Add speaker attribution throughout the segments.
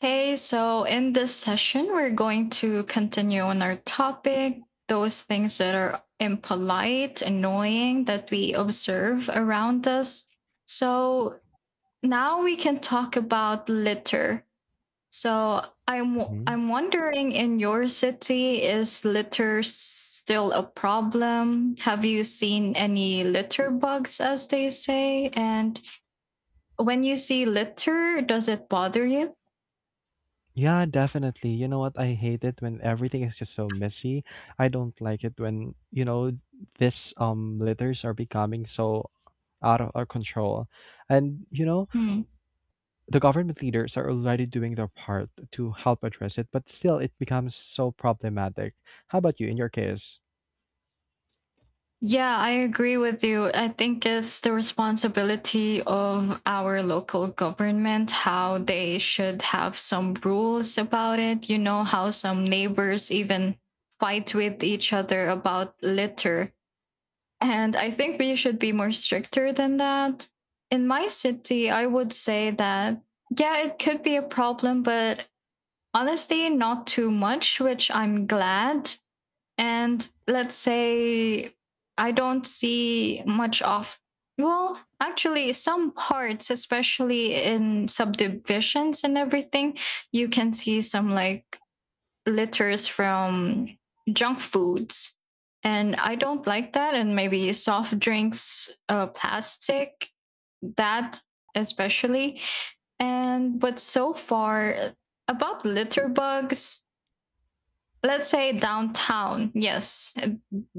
Speaker 1: Hey, so in this session, we're going to continue on our topic those things that are impolite, annoying that we observe around us. So now we can talk about litter. So I'm
Speaker 2: Mhm.
Speaker 1: I'm wondering, in your city, is litter still a problem? Have you seen any litter bugs, as they say? And when you see litter, does it bother you?
Speaker 2: Yeah, definitely. You know what? I hate it when everything is just so messy. I don't like it when, this litters are becoming so out of our control. And you know,
Speaker 1: Hmm.
Speaker 2: the government leaders are already doing their part to help address it, but still it becomes so problematic. How about you in your case?
Speaker 1: Yeah, I agree with you. I think it's the responsibility of our local government how they should have some rules about it. You know, how some neighbors even fight with each other about litter. And I think we should be more stricter than that. In my city, I would say that, yeah, it could be a problem, but honestly, not too much, which I'm glad. And let's say I don't see much of, well, actually, some parts, especially in subdivisions and everything, you can see some like litters from junk foods. And I don't like that. And maybe soft drinks, plastic, that especially. And but so far, about litter bugs, let's say downtown, yes,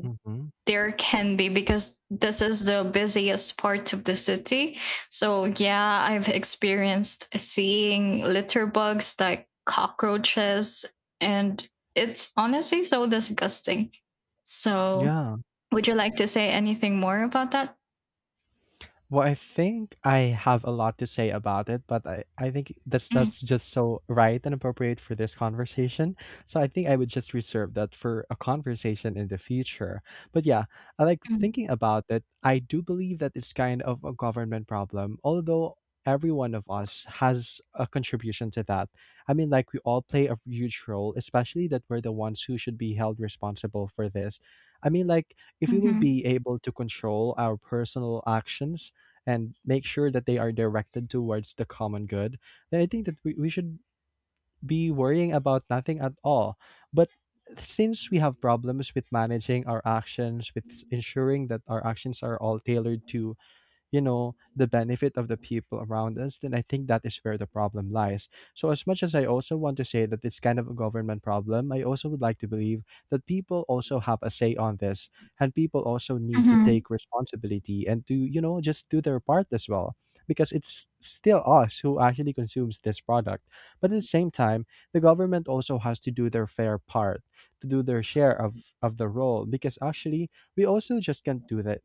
Speaker 2: Hmm.
Speaker 1: there can be, because this is the busiest part of the city. So, yeah, I've experienced seeing litter bugs like cockroaches, and it's honestly so disgusting. So,
Speaker 2: Yeah.
Speaker 1: would you like to say anything more about that?
Speaker 2: Well, I think I have a lot to say about it, but I think that's
Speaker 1: Mm.
Speaker 2: that's just so right and appropriate for this conversation. So I think I would just reserve that for a conversation in the future. But yeah, I like
Speaker 1: Mm.
Speaker 2: thinking about it. I do believe that it's kind of a government problem, although every one of us has a contribution to that. I mean, like we all play a huge role, especially that we're the ones who should be held responsible for this. I mean, like if we will
Speaker 1: Mhm.
Speaker 2: be able to control our personal actions and make sure that they are directed towards the common good, then I think that we should be worrying about nothing at all. But since we have problems with managing our actions, with ensuring that our actions are all tailored to the benefit of the people around us, then I think that is where the problem lies. So as much as I also want to say that it's kind of a government problem, I also would like to believe that people also have a say on this, and people also need to
Speaker 1: Mhm.
Speaker 2: take responsibility and to just do their part as well, because it's still us who actually consumes this product. But at the same time, the government also has to do their fair part, to do their share of the role, because actually we also just can't do that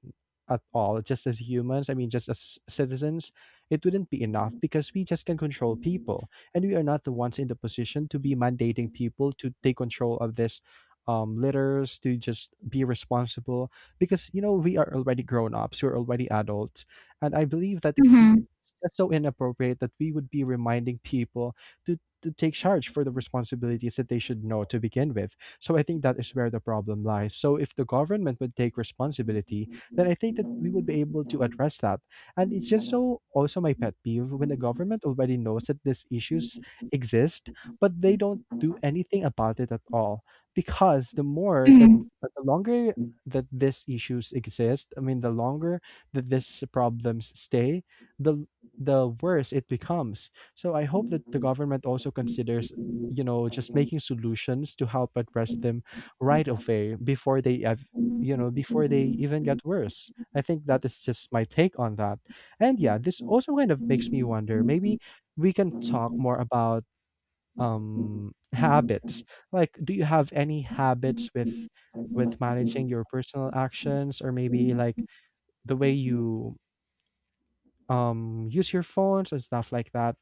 Speaker 2: at all, just as humans, I mean, just as citizens, it wouldn't be enough because we just can control people. And we are not the ones in the position to be mandating people to take control of this litters, to just be responsible because, you know, we are already grown ups, we're already adults. And I believe that it's,
Speaker 1: Mhm.
Speaker 2: it's just so inappropriate that we would be reminding people to. To take charge for the responsibilities that they should know to begin with. So I think that is where the problem lies. So if the government would take responsibility, then I think that we would be able to address that. And it's just so also my pet peeve when the government already knows that these issues exist, but they don't do anything about it at all. Because
Speaker 1: Mm.
Speaker 2: the longer that these issues exist, I mean, the longer that these problems stay, the worse it becomes. So I hope that the government also considers just making solutions to help address them right away before you know, before they even get worse. I think that is just my take on that. And yeah, this also kind of makes me wonder, maybe we can talk more about habits. Like, do you have any habits with managing your personal actions, or maybe like the way you use your phones and stuff like that?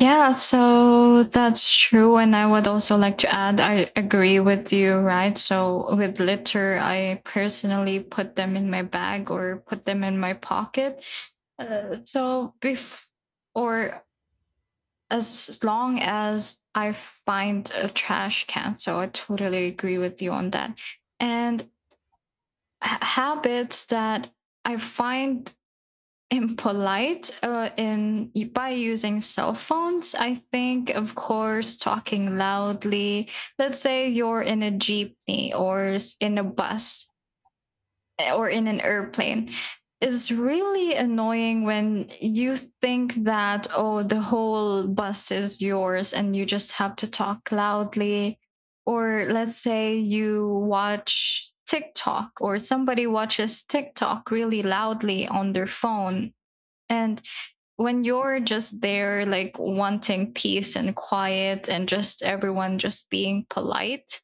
Speaker 1: Yeah, so that's true. And I would also like to add, I agree with you, right? So with litter, I personally put them in my bag or put them in my pocket. So or as long as I find a trash can. So I totally agree with you on that. And habits that I find impolite in by using cell phones. I think, of course, talking loudly. Let's say you're in a jeepney or in a bus or in an airplane, it's really annoying when you think that, oh, the whole bus is yours and you just have to talk loudly. Or let's say you watch TikTok or somebody watches TikTok really loudly on their phone. And when you're just there like wanting peace and quiet and just everyone just being polite,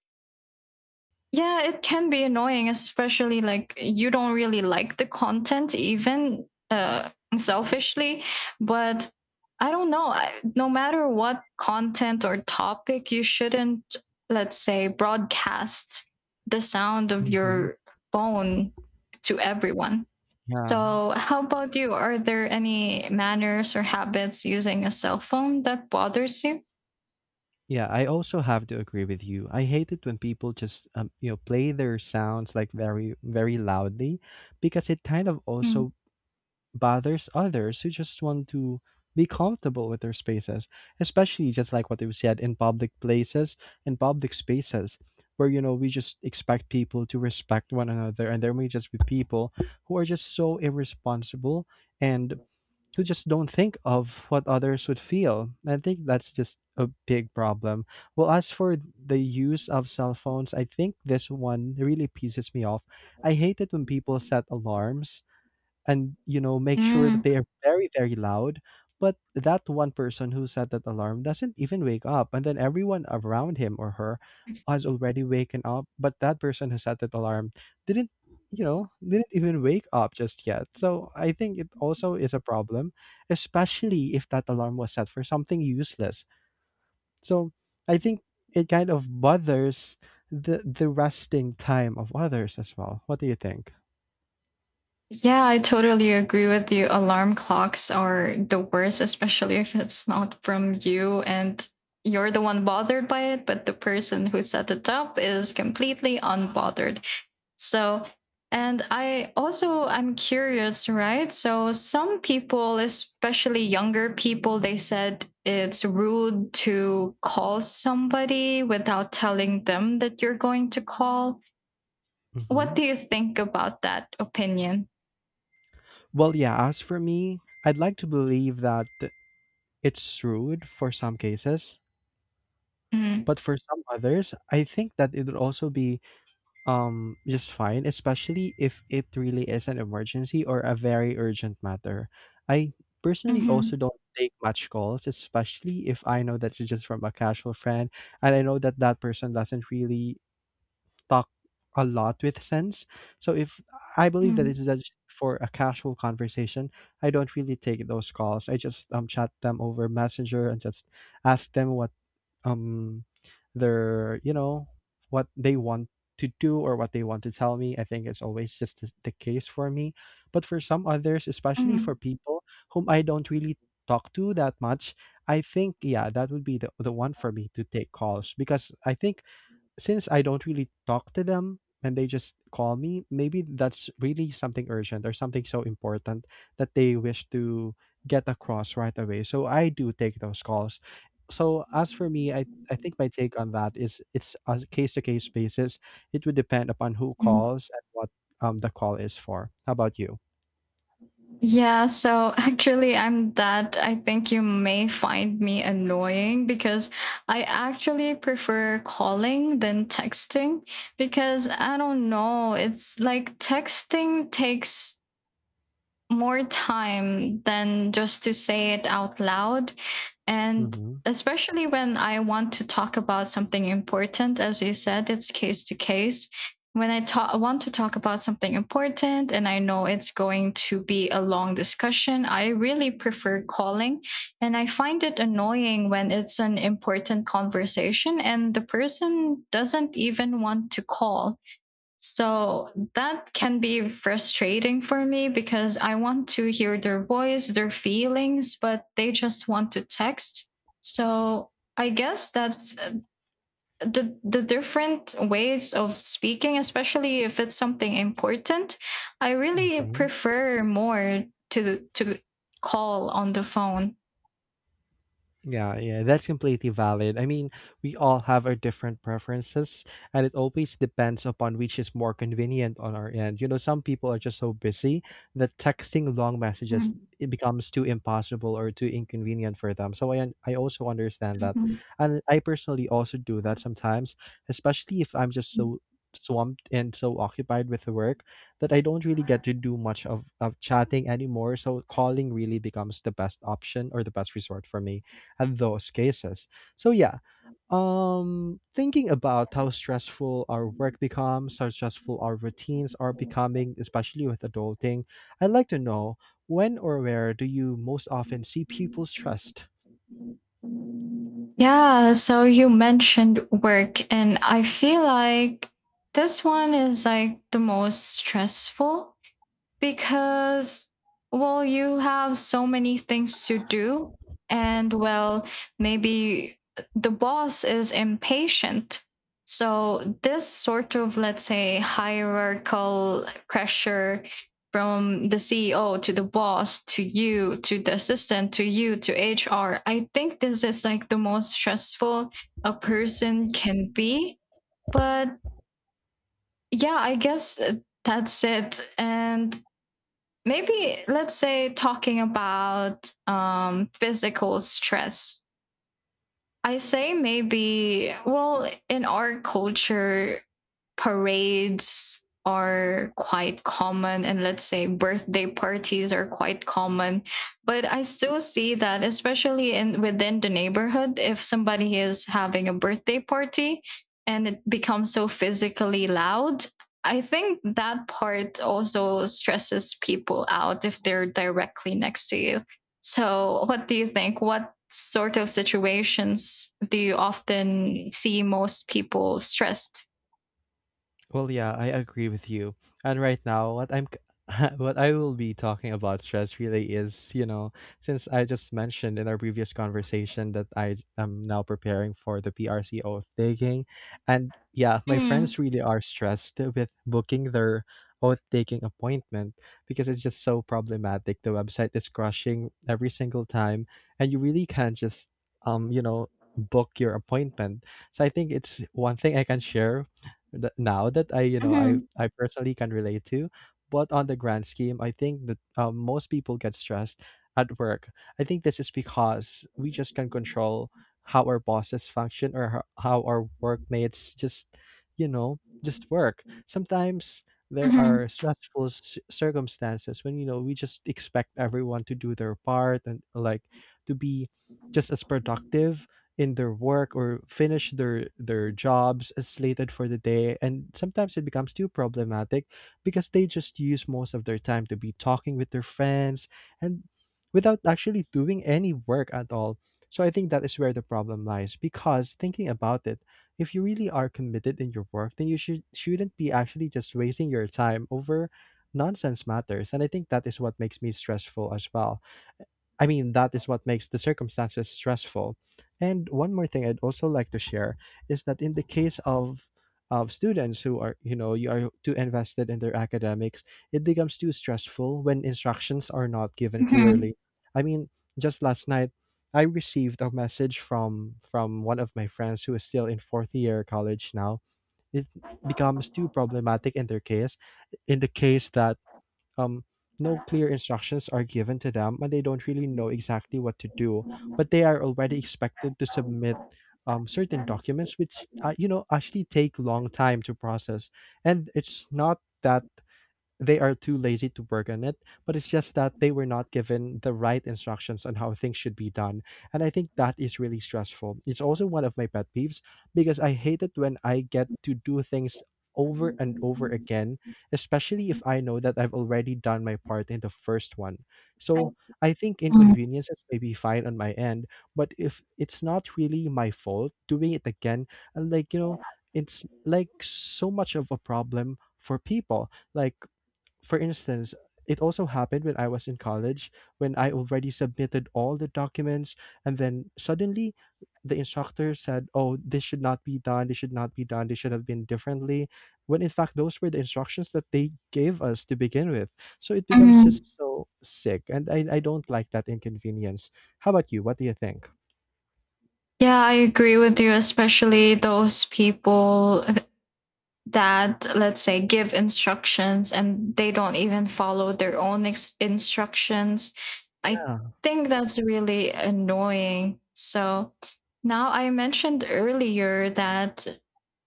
Speaker 1: yeah, it can be annoying, especially like you don't really like the content, even selfishly. But I don't know. No matter what content or topic, you shouldn't, let's say, broadcast the sound of
Speaker 2: Hmm.
Speaker 1: your phone to everyone.
Speaker 2: Yeah.
Speaker 1: So, how about you? Are there any manners or habits using a cell phone that bothers you?
Speaker 2: Yeah, I also have to agree with you. I hate it when people just you know, play their sounds like very very loudly, because it kind of
Speaker 1: Mm.
Speaker 2: also bothers others who just want to be comfortable with their spaces, especially just like what you said, in public places and public spaces, where you know we just expect people to respect one another, and there may just be people who are just so irresponsible, and who just don't think of what others would feel. I think that's just a big problem. Well, as for the use of cell phones, I think this one really pisses me off. I hate it when people set alarms and you know make sure that
Speaker 1: Mm.
Speaker 2: they are very very loud, but that one person who set that alarm doesn't even wake up, and then everyone around him or her has already waken up, but that person who set that alarm didn't, you know, didn't even wake up just yet. So I think it also is a problem, especially if that alarm was set for something useless. So I think it kind of bothers the resting time of others as well. What do you think?
Speaker 1: Yeah, I totally agree with you. Alarm clocks are the worst, especially if it's not from you and you're the one bothered by it, but the person who set it up is completely unbothered. So, and I'm curious, right? So some people, especially younger people, they said it's rude to call somebody without telling them that you're going to call. What
Speaker 2: Hmm.
Speaker 1: do you think about that opinion?
Speaker 2: Well, yeah, as for me, I'd like to believe that it's rude for some cases,
Speaker 1: Hmm.
Speaker 2: but for some others, I think that it would also be just fine, especially if it really is an emergency or a very urgent matter. I personally also
Speaker 1: Mhm.
Speaker 2: don't take much calls, especially if I know that it's just from a casual friend, and I know that that person doesn't really talk a lot with sense. So if I believe that this
Speaker 1: Mm.
Speaker 2: is just for a casual conversation, I don't really take those calls. I just chat them over Messenger and just ask them what um their you know what they want to do or what they want to tell me. I think it's always just the case for me. But for some others, especially for
Speaker 1: Mm.
Speaker 2: people whom I don't really talk to that much, I think yeah, that would be the one for me to take calls, because I think since I don't really talk to them and they just call me, maybe that's really something urgent or something so important that they wish to get across right away. So I do take those calls. So as for me, I think my take on that is it's a case to case basis. It would depend upon who
Speaker 1: Mm.
Speaker 2: calls and what the call is for. How about you?
Speaker 1: Yeah, so actually, I'm that. I think you may find me annoying because I actually prefer calling than texting, because I don't know. It's like texting takes more time than just to say it out loud. And
Speaker 2: Mm-hmm.
Speaker 1: especially when I want to talk about something important, as you said, it's case to case. When want to talk about something important and I know it's going to be a long discussion, I really prefer calling. And I find it annoying when it's an important conversation and the person doesn't even want to call. So that can be frustrating for me because I want to hear their voice, their feelings, but they just want to text. So I guess that's the different ways of speaking, especially if it's something important. I really
Speaker 2: Mm-hmm.
Speaker 1: prefer more to call on the phone.
Speaker 2: Yeah, yeah, that's completely valid. I mean, we all have our different preferences, and it always depends upon which is more convenient on our end. You know, some people are just so busy that texting long messages,
Speaker 1: Mhm.
Speaker 2: it becomes too impossible or too inconvenient for them. So I also understand that, and I personally also do that sometimes, especially if I'm just so swamped and so occupied with work that I don't really get to do much of chatting anymore. So calling really becomes the best option or the best resort for me at those cases. So yeah, thinking about how stressful our work becomes, how stressful our routines are becoming, especially with adulting, I'd like to know, when or where do you most often see people
Speaker 1: Mhm.
Speaker 2: stressed?
Speaker 1: Yeah, so you mentioned work, and I feel like this one is like the most stressful, because, well, you have so many things to do, and, well, maybe the boss is impatient. So this sort of, let's say, hierarchical pressure from the CEO to the boss to you, to the assistant to you, to HR, I think this is like the most stressful a person can be. But yeah, I guess, that's it. And maybe let's say talking about physical stress, I say maybe, well, in our culture, parades are quite common, and let's say birthday parties are quite common. But I still see that, especially in within the neighborhood, if somebody is having a birthday party and it becomes so physically loud, I think that part also stresses people out if they're directly next to you. So, what do you think? What sort of situations do you often see most people stressed?
Speaker 2: Well, yeah, I agree with you. And right now, what I will be talking about stress really is, you know, since I just mentioned in our previous conversation that I am now preparing for the PRC oath taking, and yeah, my
Speaker 1: Mm.
Speaker 2: friends really are stressed with booking their oath taking appointment, because it's just so problematic. The website is crushing every single time, and you really can't just you know, book your appointment. So I think it's one thing I can share, that now that I, you know, I
Speaker 1: Mhm.
Speaker 2: I personally can relate to. But on the grand scheme, I think that most people get stressed at work. I think this is because we just can control how our bosses function, or how our workmates just, you know, just work. Sometimes there
Speaker 1: Mhm.
Speaker 2: are stressful circumstances when you know we just expect everyone to do their part, and like to be just as productive in their work, or finish their jobs as slated for the day. And sometimes it becomes too problematic because they just use most of their time to be talking with their friends, and without actually doing any work at all. So I think that is where the problem lies, because thinking about it, if you really are committed in your work, then you should shouldn't be actually just wasting your time over nonsense matters. And I think that is what makes me stressful as well. I mean, that is what makes the circumstances stressful. And one more thing I'd also like to share is that in the case of students who are, you know, you are too invested in their academics, it becomes too stressful when instructions are not given
Speaker 1: Mhm.
Speaker 2: clearly. I mean, just last night, I received a message from one of my friends who is still in fourth year college now. It becomes too problematic in their case, in the case that um, no clear instructions are given to them and they don't really know exactly what to do, but they are already expected to submit certain documents which you know actually take long time to process. And it's not that they are too lazy to work on it, but it's just that they were not given the right instructions on how things should be done. And I think that is really stressful. It's also one of my pet peeves, because I hate it when I get to do things over and over again, especially if I know that I've already done my part in the first one. So I think
Speaker 1: Mm.
Speaker 2: inconveniences may be fine on my end, but if it's not really my fault doing it again, and like you know, it's like so much of a problem for people. Like, for instance, it also happened when I was in college, when I already submitted all the documents, and then suddenly the instructor said, "Oh, this should not be done, this should not be done, this should have been differently." When in fact, those were the instructions that they gave us to begin with. So it becomes
Speaker 1: Mhm.
Speaker 2: just so sick. And I don't like that inconvenience. How about you? What do you think?
Speaker 1: Yeah, I agree with you, especially those people that, let's say, give instructions and they don't even follow their own instructions. I
Speaker 2: Yeah.
Speaker 1: think that's really annoying. So now I mentioned earlier that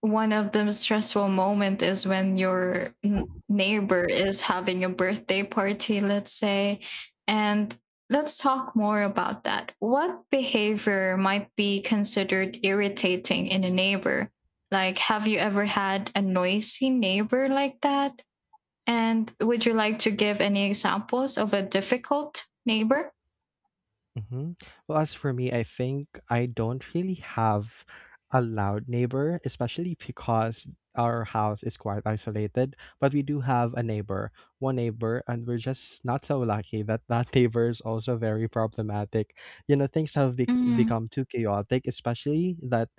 Speaker 1: one of the stressful moment is when your neighbor is having a birthday party, let's say. And let's talk more about that. What behavior might be considered irritating in a neighbor? Like, have you ever had a noisy neighbor like that? And would you like to give any examples of a difficult neighbor?
Speaker 2: Hmm. Well, as for me, I think I don't really have a loud neighbor, especially because our house is quite isolated. But we do have a neighbor, one neighbor, and we're just not so lucky that that neighbor is also very problematic. You know, things have
Speaker 1: Mm.
Speaker 2: become too chaotic, especially that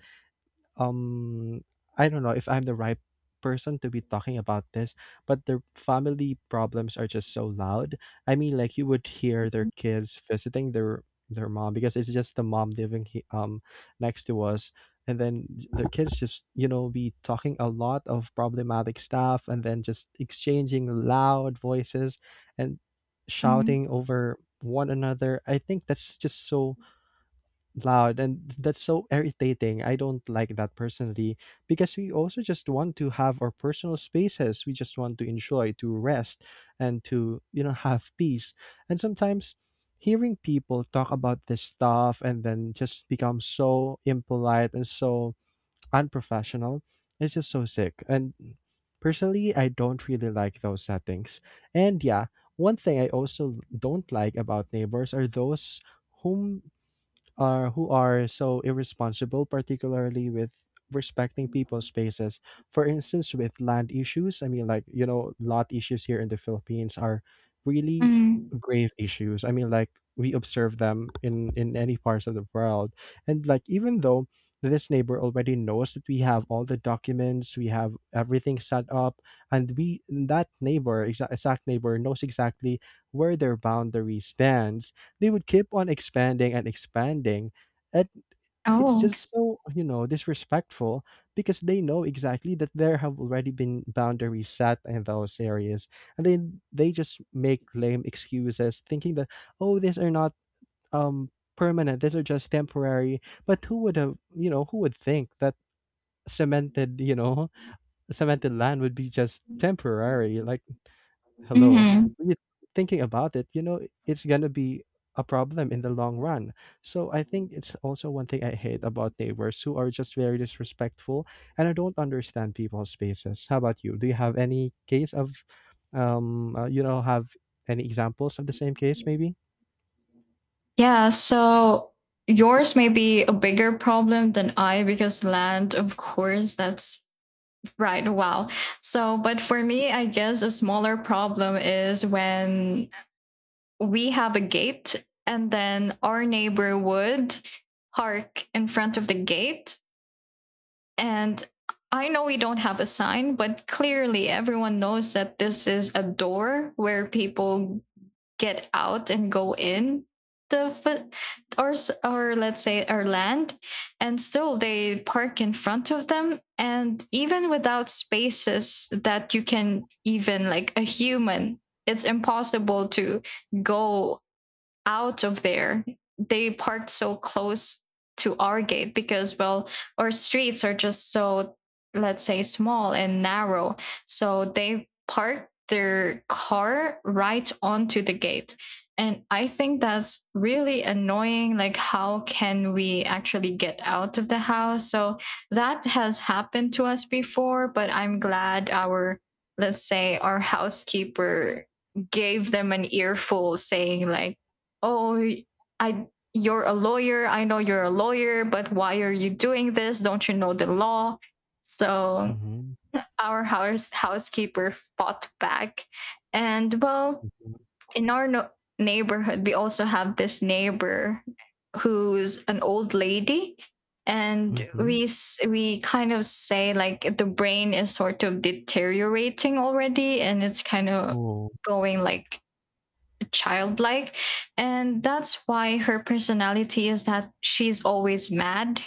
Speaker 2: um I don't know if I'm the right person to be talking about this, but their family problems are just so loud. I mean, like you would hear their kids visiting their mom, because it's just the mom living next to us, and then their kids just, you know, be talking a lot of problematic stuff and then just exchanging loud voices and
Speaker 1: Mm.
Speaker 2: shouting over one another. I think that's just so loud, and that's so irritating. I don't like that personally, because we also just want to have our personal spaces, we just want to enjoy to rest and to, you know, have peace. And sometimes hearing people talk about this stuff and then just become so impolite and so unprofessional, it's just so sick. And personally, I don't really like those settings. And yeah, one thing I also don't like about neighbors are those whom who are so irresponsible, particularly with respecting people's spaces. For instance, with land issues, I mean, like you know, lot issues here in the Philippines are really
Speaker 1: Mm.
Speaker 2: grave issues. I mean, like we observe them in any parts of the world, and like even though this neighbor already knows that we have all the documents, we have everything set up, and we that exact neighbor knows exactly where their boundary stands, they would keep on expanding and expanding. And it's
Speaker 1: Oh.
Speaker 2: just so, you know, disrespectful, because they know exactly that there have already been boundaries set in those areas. And then they just make lame excuses thinking that, oh, these are not um permanent, these are just temporary. But who would have, you know, who would think that cemented, you know, cemented land would be just temporary? Like, hello.
Speaker 1: Hmm.
Speaker 2: You Thinking about it, you know, it's gonna be a problem in the long run. So I think it's also one thing I hate about neighbors who are just very disrespectful, and I don't understand people's spaces. How about you? Do you have any case of, you know, have any examples of the same case maybe?
Speaker 1: Yeah. So yours may be a bigger problem than I, because land, of course, that's right. Wow. So, but for me, I guess a smaller problem is when we have a gate, and then our neighbor would park in front of the gate. And I know we don't have a sign, but clearly everyone knows that this is a door where people get out and go in the or or let's say our land, and still they park in front of them. And even without spaces that you can even like a human, it's impossible to go out of there. They parked so close to our gate, because, well, our streets are just so, let's say, small and narrow. So they parked their car right onto the gate. And I think that's really annoying. Like, how can we actually get out of the house? So that has happened to us before, but I'm glad our, let's say, our housekeeper gave them an earful saying, like, oh, I you're a lawyer, I know you're a lawyer, but why are you doing this? Don't you know the law? So
Speaker 2: Mm-hmm.
Speaker 1: our housekeeper fought back. And, well, in our neighborhood, we also have this neighbor who's an old lady, and
Speaker 2: Mm-hmm.
Speaker 1: we kind of say like the brain is sort of deteriorating already, and it's kind of
Speaker 2: Oh,
Speaker 1: going like childlike. And that's why her personality is that she's always mad.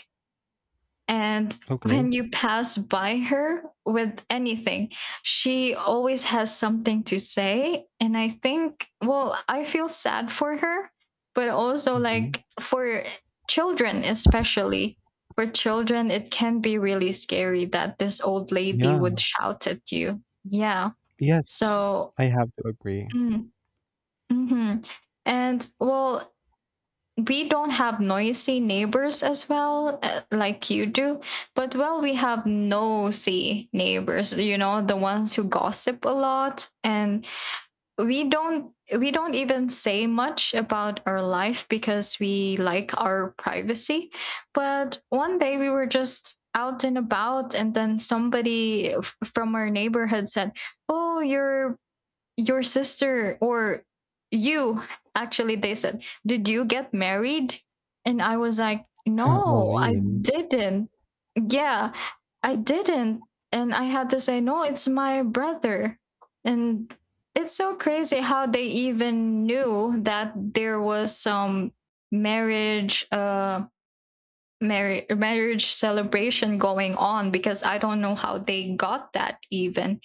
Speaker 1: And
Speaker 2: okay.
Speaker 1: when you pass by her with anything, she always has something to say. And I think, well, I feel sad for her, but also
Speaker 2: Mm-hmm.
Speaker 1: like for children, especially for children, it can be really scary that this old lady would
Speaker 2: Yeah.
Speaker 1: shout at you. Yeah.
Speaker 2: Yes,
Speaker 1: So.
Speaker 2: I have to agree.
Speaker 1: Mm. Mhm. And, well, we don't have noisy neighbors as well, like you do. But, well, we have nosy neighbors, you know, the ones who gossip a lot. And we don't even say much about our life, because we like our privacy. But one day we were just out and about, and then somebody from our neighborhood said, oh, you're your sister, or you, actually, they said, did you get married? And I was like,
Speaker 2: I
Speaker 1: no, I
Speaker 2: mean,
Speaker 1: didn't. Yeah, I didn't. And I had to say, no, it's my brother. And it's so crazy how they even knew that there was some marriage, marriage celebration going on, because I don't know how they got that even.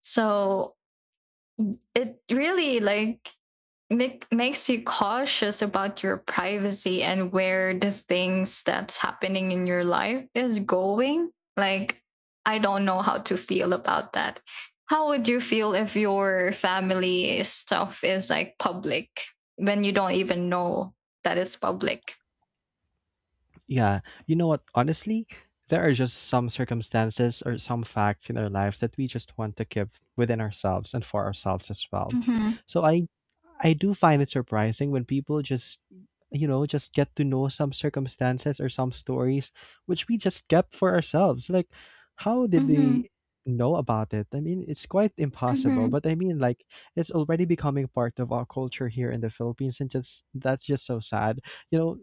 Speaker 1: So it really, like, makes you cautious about your privacy, and where the things that's happening in your life is going. Like, I don't know how to feel about that. How would you feel if your family stuff is, like, public when you don't even know that it's public?
Speaker 2: yeah, you know what? Honestly, there are just some circumstances or some facts in our lives that we just want to keep within ourselves and for ourselves as well.
Speaker 1: Mm-hmm.
Speaker 2: So I do find it surprising when people just, you know, just get to know some circumstances or some stories which we just kept for ourselves. Like, how did
Speaker 1: Mm-hmm.
Speaker 2: they know about it? I mean, it's quite impossible,
Speaker 1: Mm-hmm.
Speaker 2: but I mean, like, it's already becoming part of our culture here in the Philippines, and just that's just so sad. You know,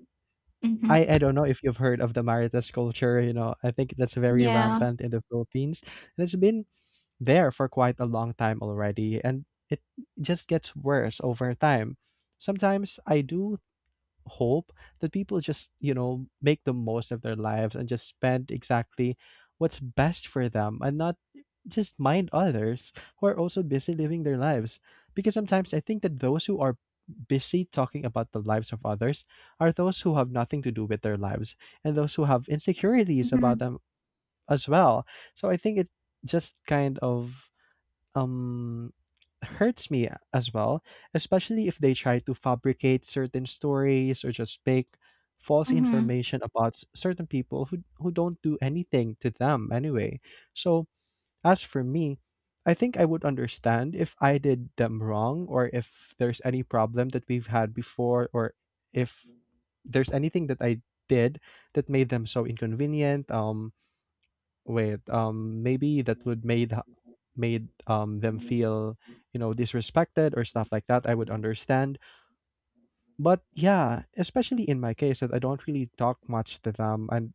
Speaker 1: Mm-hmm.
Speaker 2: I don't know if you've heard of the Marites culture, you know, I think that's very
Speaker 1: Yeah.
Speaker 2: rampant in the Philippines. And it's been there for quite a long time already, and it just gets worse over time. Sometimes I do hope that people just, you know, make the most of their lives and just spend exactly what's best for them and not just mind others who are also busy living their lives. Because sometimes I think that those who are busy talking about the lives of others are those who have nothing to do with their lives and those who have insecurities about
Speaker 1: Mm-hmm.
Speaker 2: them as well. So I think it just kind of um hurts me as well, especially if they try to fabricate certain stories or just make false
Speaker 1: Mm-hmm.
Speaker 2: information about certain people who don't do anything to them anyway. So, as for me, I think I would understand if I did them wrong or if there's any problem that we've had before, or if there's anything that I did that made them so inconvenient. Maybe that would made them feel, you know, disrespected or stuff like that. I would understand, but yeah, especially in my case that I don't really talk much to them, and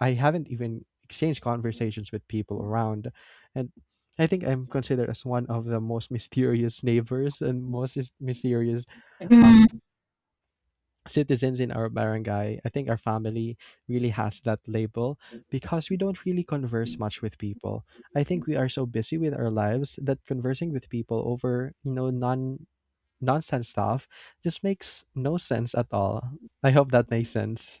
Speaker 2: I haven't even exchanged conversations with people around, and I think I'm considered as one of the most mysterious neighbors and most mysterious um
Speaker 1: Mm.
Speaker 2: citizens in our barangay. I think our family really has that label because we don't really converse much with people. I think we are so busy with our lives that conversing with people over, you know, nonsense stuff just makes no sense at all. I hope that makes sense.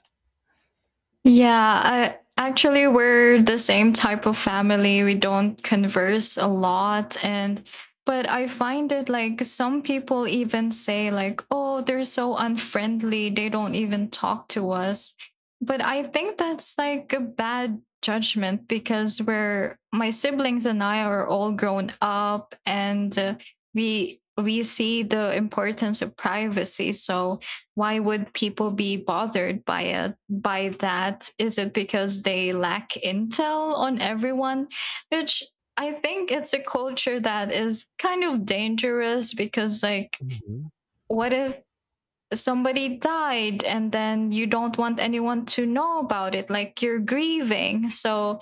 Speaker 1: Yeah, I actually, we're the same type of family. We don't converse a lot, and but I find it, like, some people even say, like, "Oh, they're so unfriendly. They don't even talk to us." But I think that's like a bad judgment, because we're my siblings and I are all grown up, and we see the importance of privacy. So, why would people be bothered by that? Is it because they lack intel on everyone, which, I think, it's a culture that is kind of dangerous? Because, like,
Speaker 2: Mm-hmm.
Speaker 1: what if somebody died and then you don't want anyone to know about it, like, you're grieving? So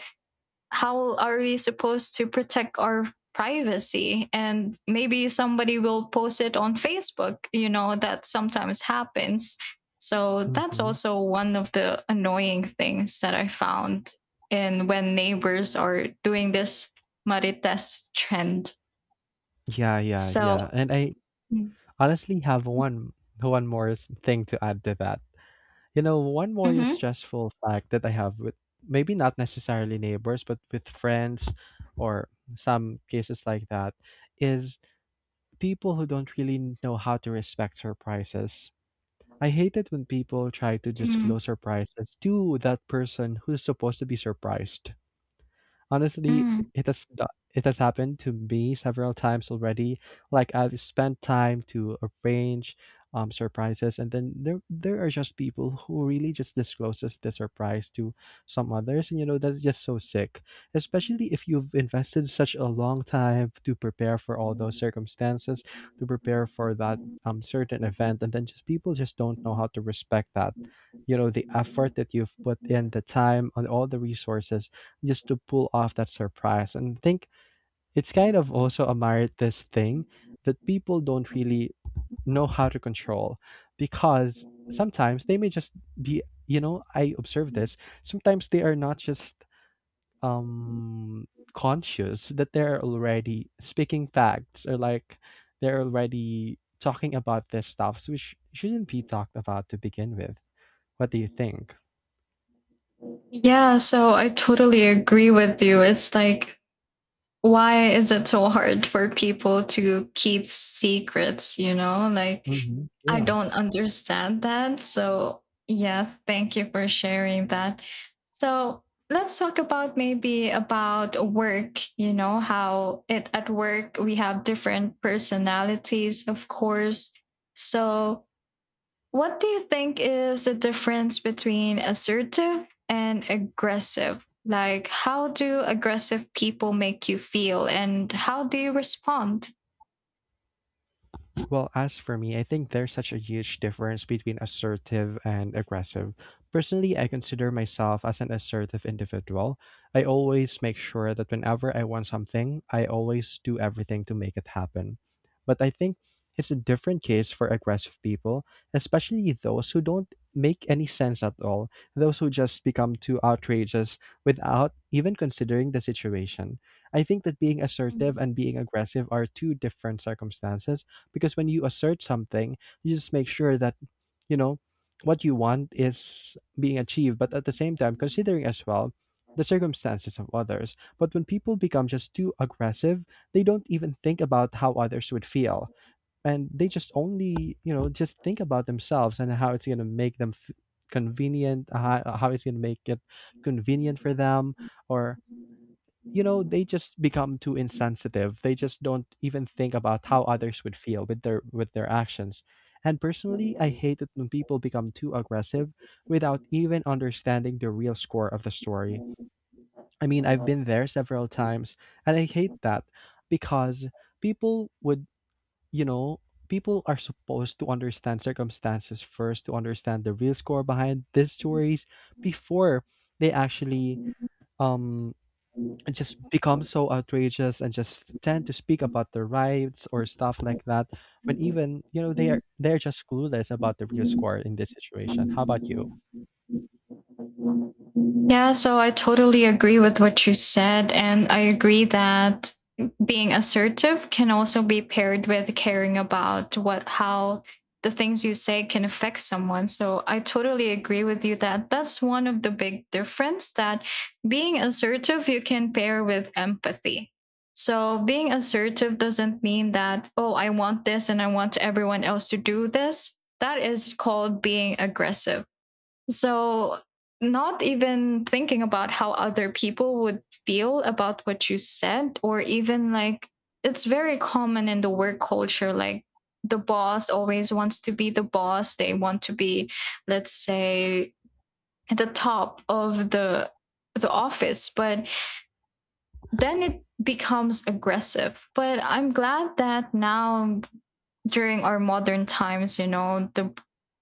Speaker 1: how are we supposed to protect our privacy? And maybe somebody will post it on Facebook. You know that sometimes happens. So that's
Speaker 2: Mm-hmm.
Speaker 1: also one of the annoying things that I found in when neighbors are doing this Marites trend.
Speaker 2: Yeah, yeah, yeah.
Speaker 1: So.
Speaker 2: And I honestly have one more thing to add to that. You know, one more
Speaker 1: Mm-hmm.
Speaker 2: stressful fact that I have with maybe not necessarily neighbors, but with friends or some cases like that is people who don't really know how to respect surprises. I hate it when people try to
Speaker 1: Mm.
Speaker 2: disclose surprises to that person who's supposed to be surprised. Honestly,
Speaker 1: Mm.
Speaker 2: it has happened to me several times already. Like, I've spent time to arrange surprises, and then there are just people who really just discloses the surprise to some others, and you know that's just so sick. Especially if you've invested such a long time to prepare for all those circumstances, to prepare for that certain event, and then just people just don't know how to respect that, you know, the effort that you've put in, the time and all the resources just to pull off that surprise. And I think it's kind of also a Marites thing that people don't really know how to control, because sometimes they may just be, you know, I observe this. Sometimes they are not just um, conscious that they're already speaking facts or like they're already talking about this stuff, which shouldn't be talked about to begin with. What do you think?
Speaker 1: Yeah, so I totally agree with you. It's like, why is it so hard for people to keep secrets? You know, like,
Speaker 2: Hmm.
Speaker 1: I
Speaker 2: Yeah.
Speaker 1: don't understand that. So, yeah, thank you for sharing that. So let's talk about, maybe, about work. You know, how it at work, we have different personalities, of course. So what do you think is the difference between assertive and aggressive? Like, how do aggressive people make you feel and how do you respond?
Speaker 2: Well, as for me, I think there's such a huge difference between assertive and aggressive. Personally, I consider myself as an assertive individual. I always make sure that whenever I want something, I always do everything to make it happen. But I think it's a different case for aggressive people, especially those who don't make any sense at all, those who just become too outrageous without even considering the situation. I think that being assertive and being aggressive are two different circumstances, because when you assert something, you just make sure that, you know, what you want is being achieved, but at the same time considering as well the circumstances of others. But when people become just too aggressive, they don't even think about how others would feel, and they just only, you know, just think about themselves and how it's going to make convenient, how it's going to make it convenient for them. Or you know, they just become too insensitive, they just don't even think about how others would feel with their actions. And personally, I hate it when people become too aggressive without even understanding the real score of the story. I mean, I've been there several times, and I hate that, because people would, you know, people are supposed to understand circumstances first, to understand the real score behind these stories before they actually um and just become so outrageous and just tend to speak about their rights or stuff like that, when even you know they are, they're just clueless about the real score in this situation. How
Speaker 1: Mm-hmm.
Speaker 2: about you?
Speaker 1: Yeah, so I totally agree with what you said. And I agree that being assertive can also be paired with caring about how the things you say can affect someone. So I totally agree with you that that's one of the big difference, that being assertive, you can pair with empathy. So being assertive doesn't mean that, oh, I want this and I want everyone else to do this. That is called being aggressive. So, not even thinking about how other people would feel about what you said, or even like it's very common in the work culture, like the boss always wants to be the boss. They want to be, let's say, at the top of the office. But then it becomes aggressive. But I'm glad that now, during our modern times, you know, the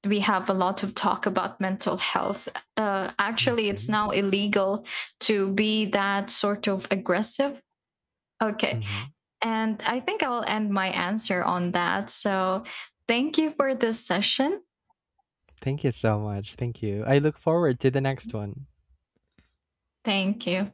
Speaker 1: we have a lot of talk about mental health. Actually, it's
Speaker 2: hmm
Speaker 1: now illegal to be that sort of aggressive. Okay.
Speaker 2: hmm
Speaker 1: And I think I'll end my answer on that. So thank you for this session.
Speaker 2: Thank you so much, thank you. I look forward to the next one.
Speaker 1: Thank you.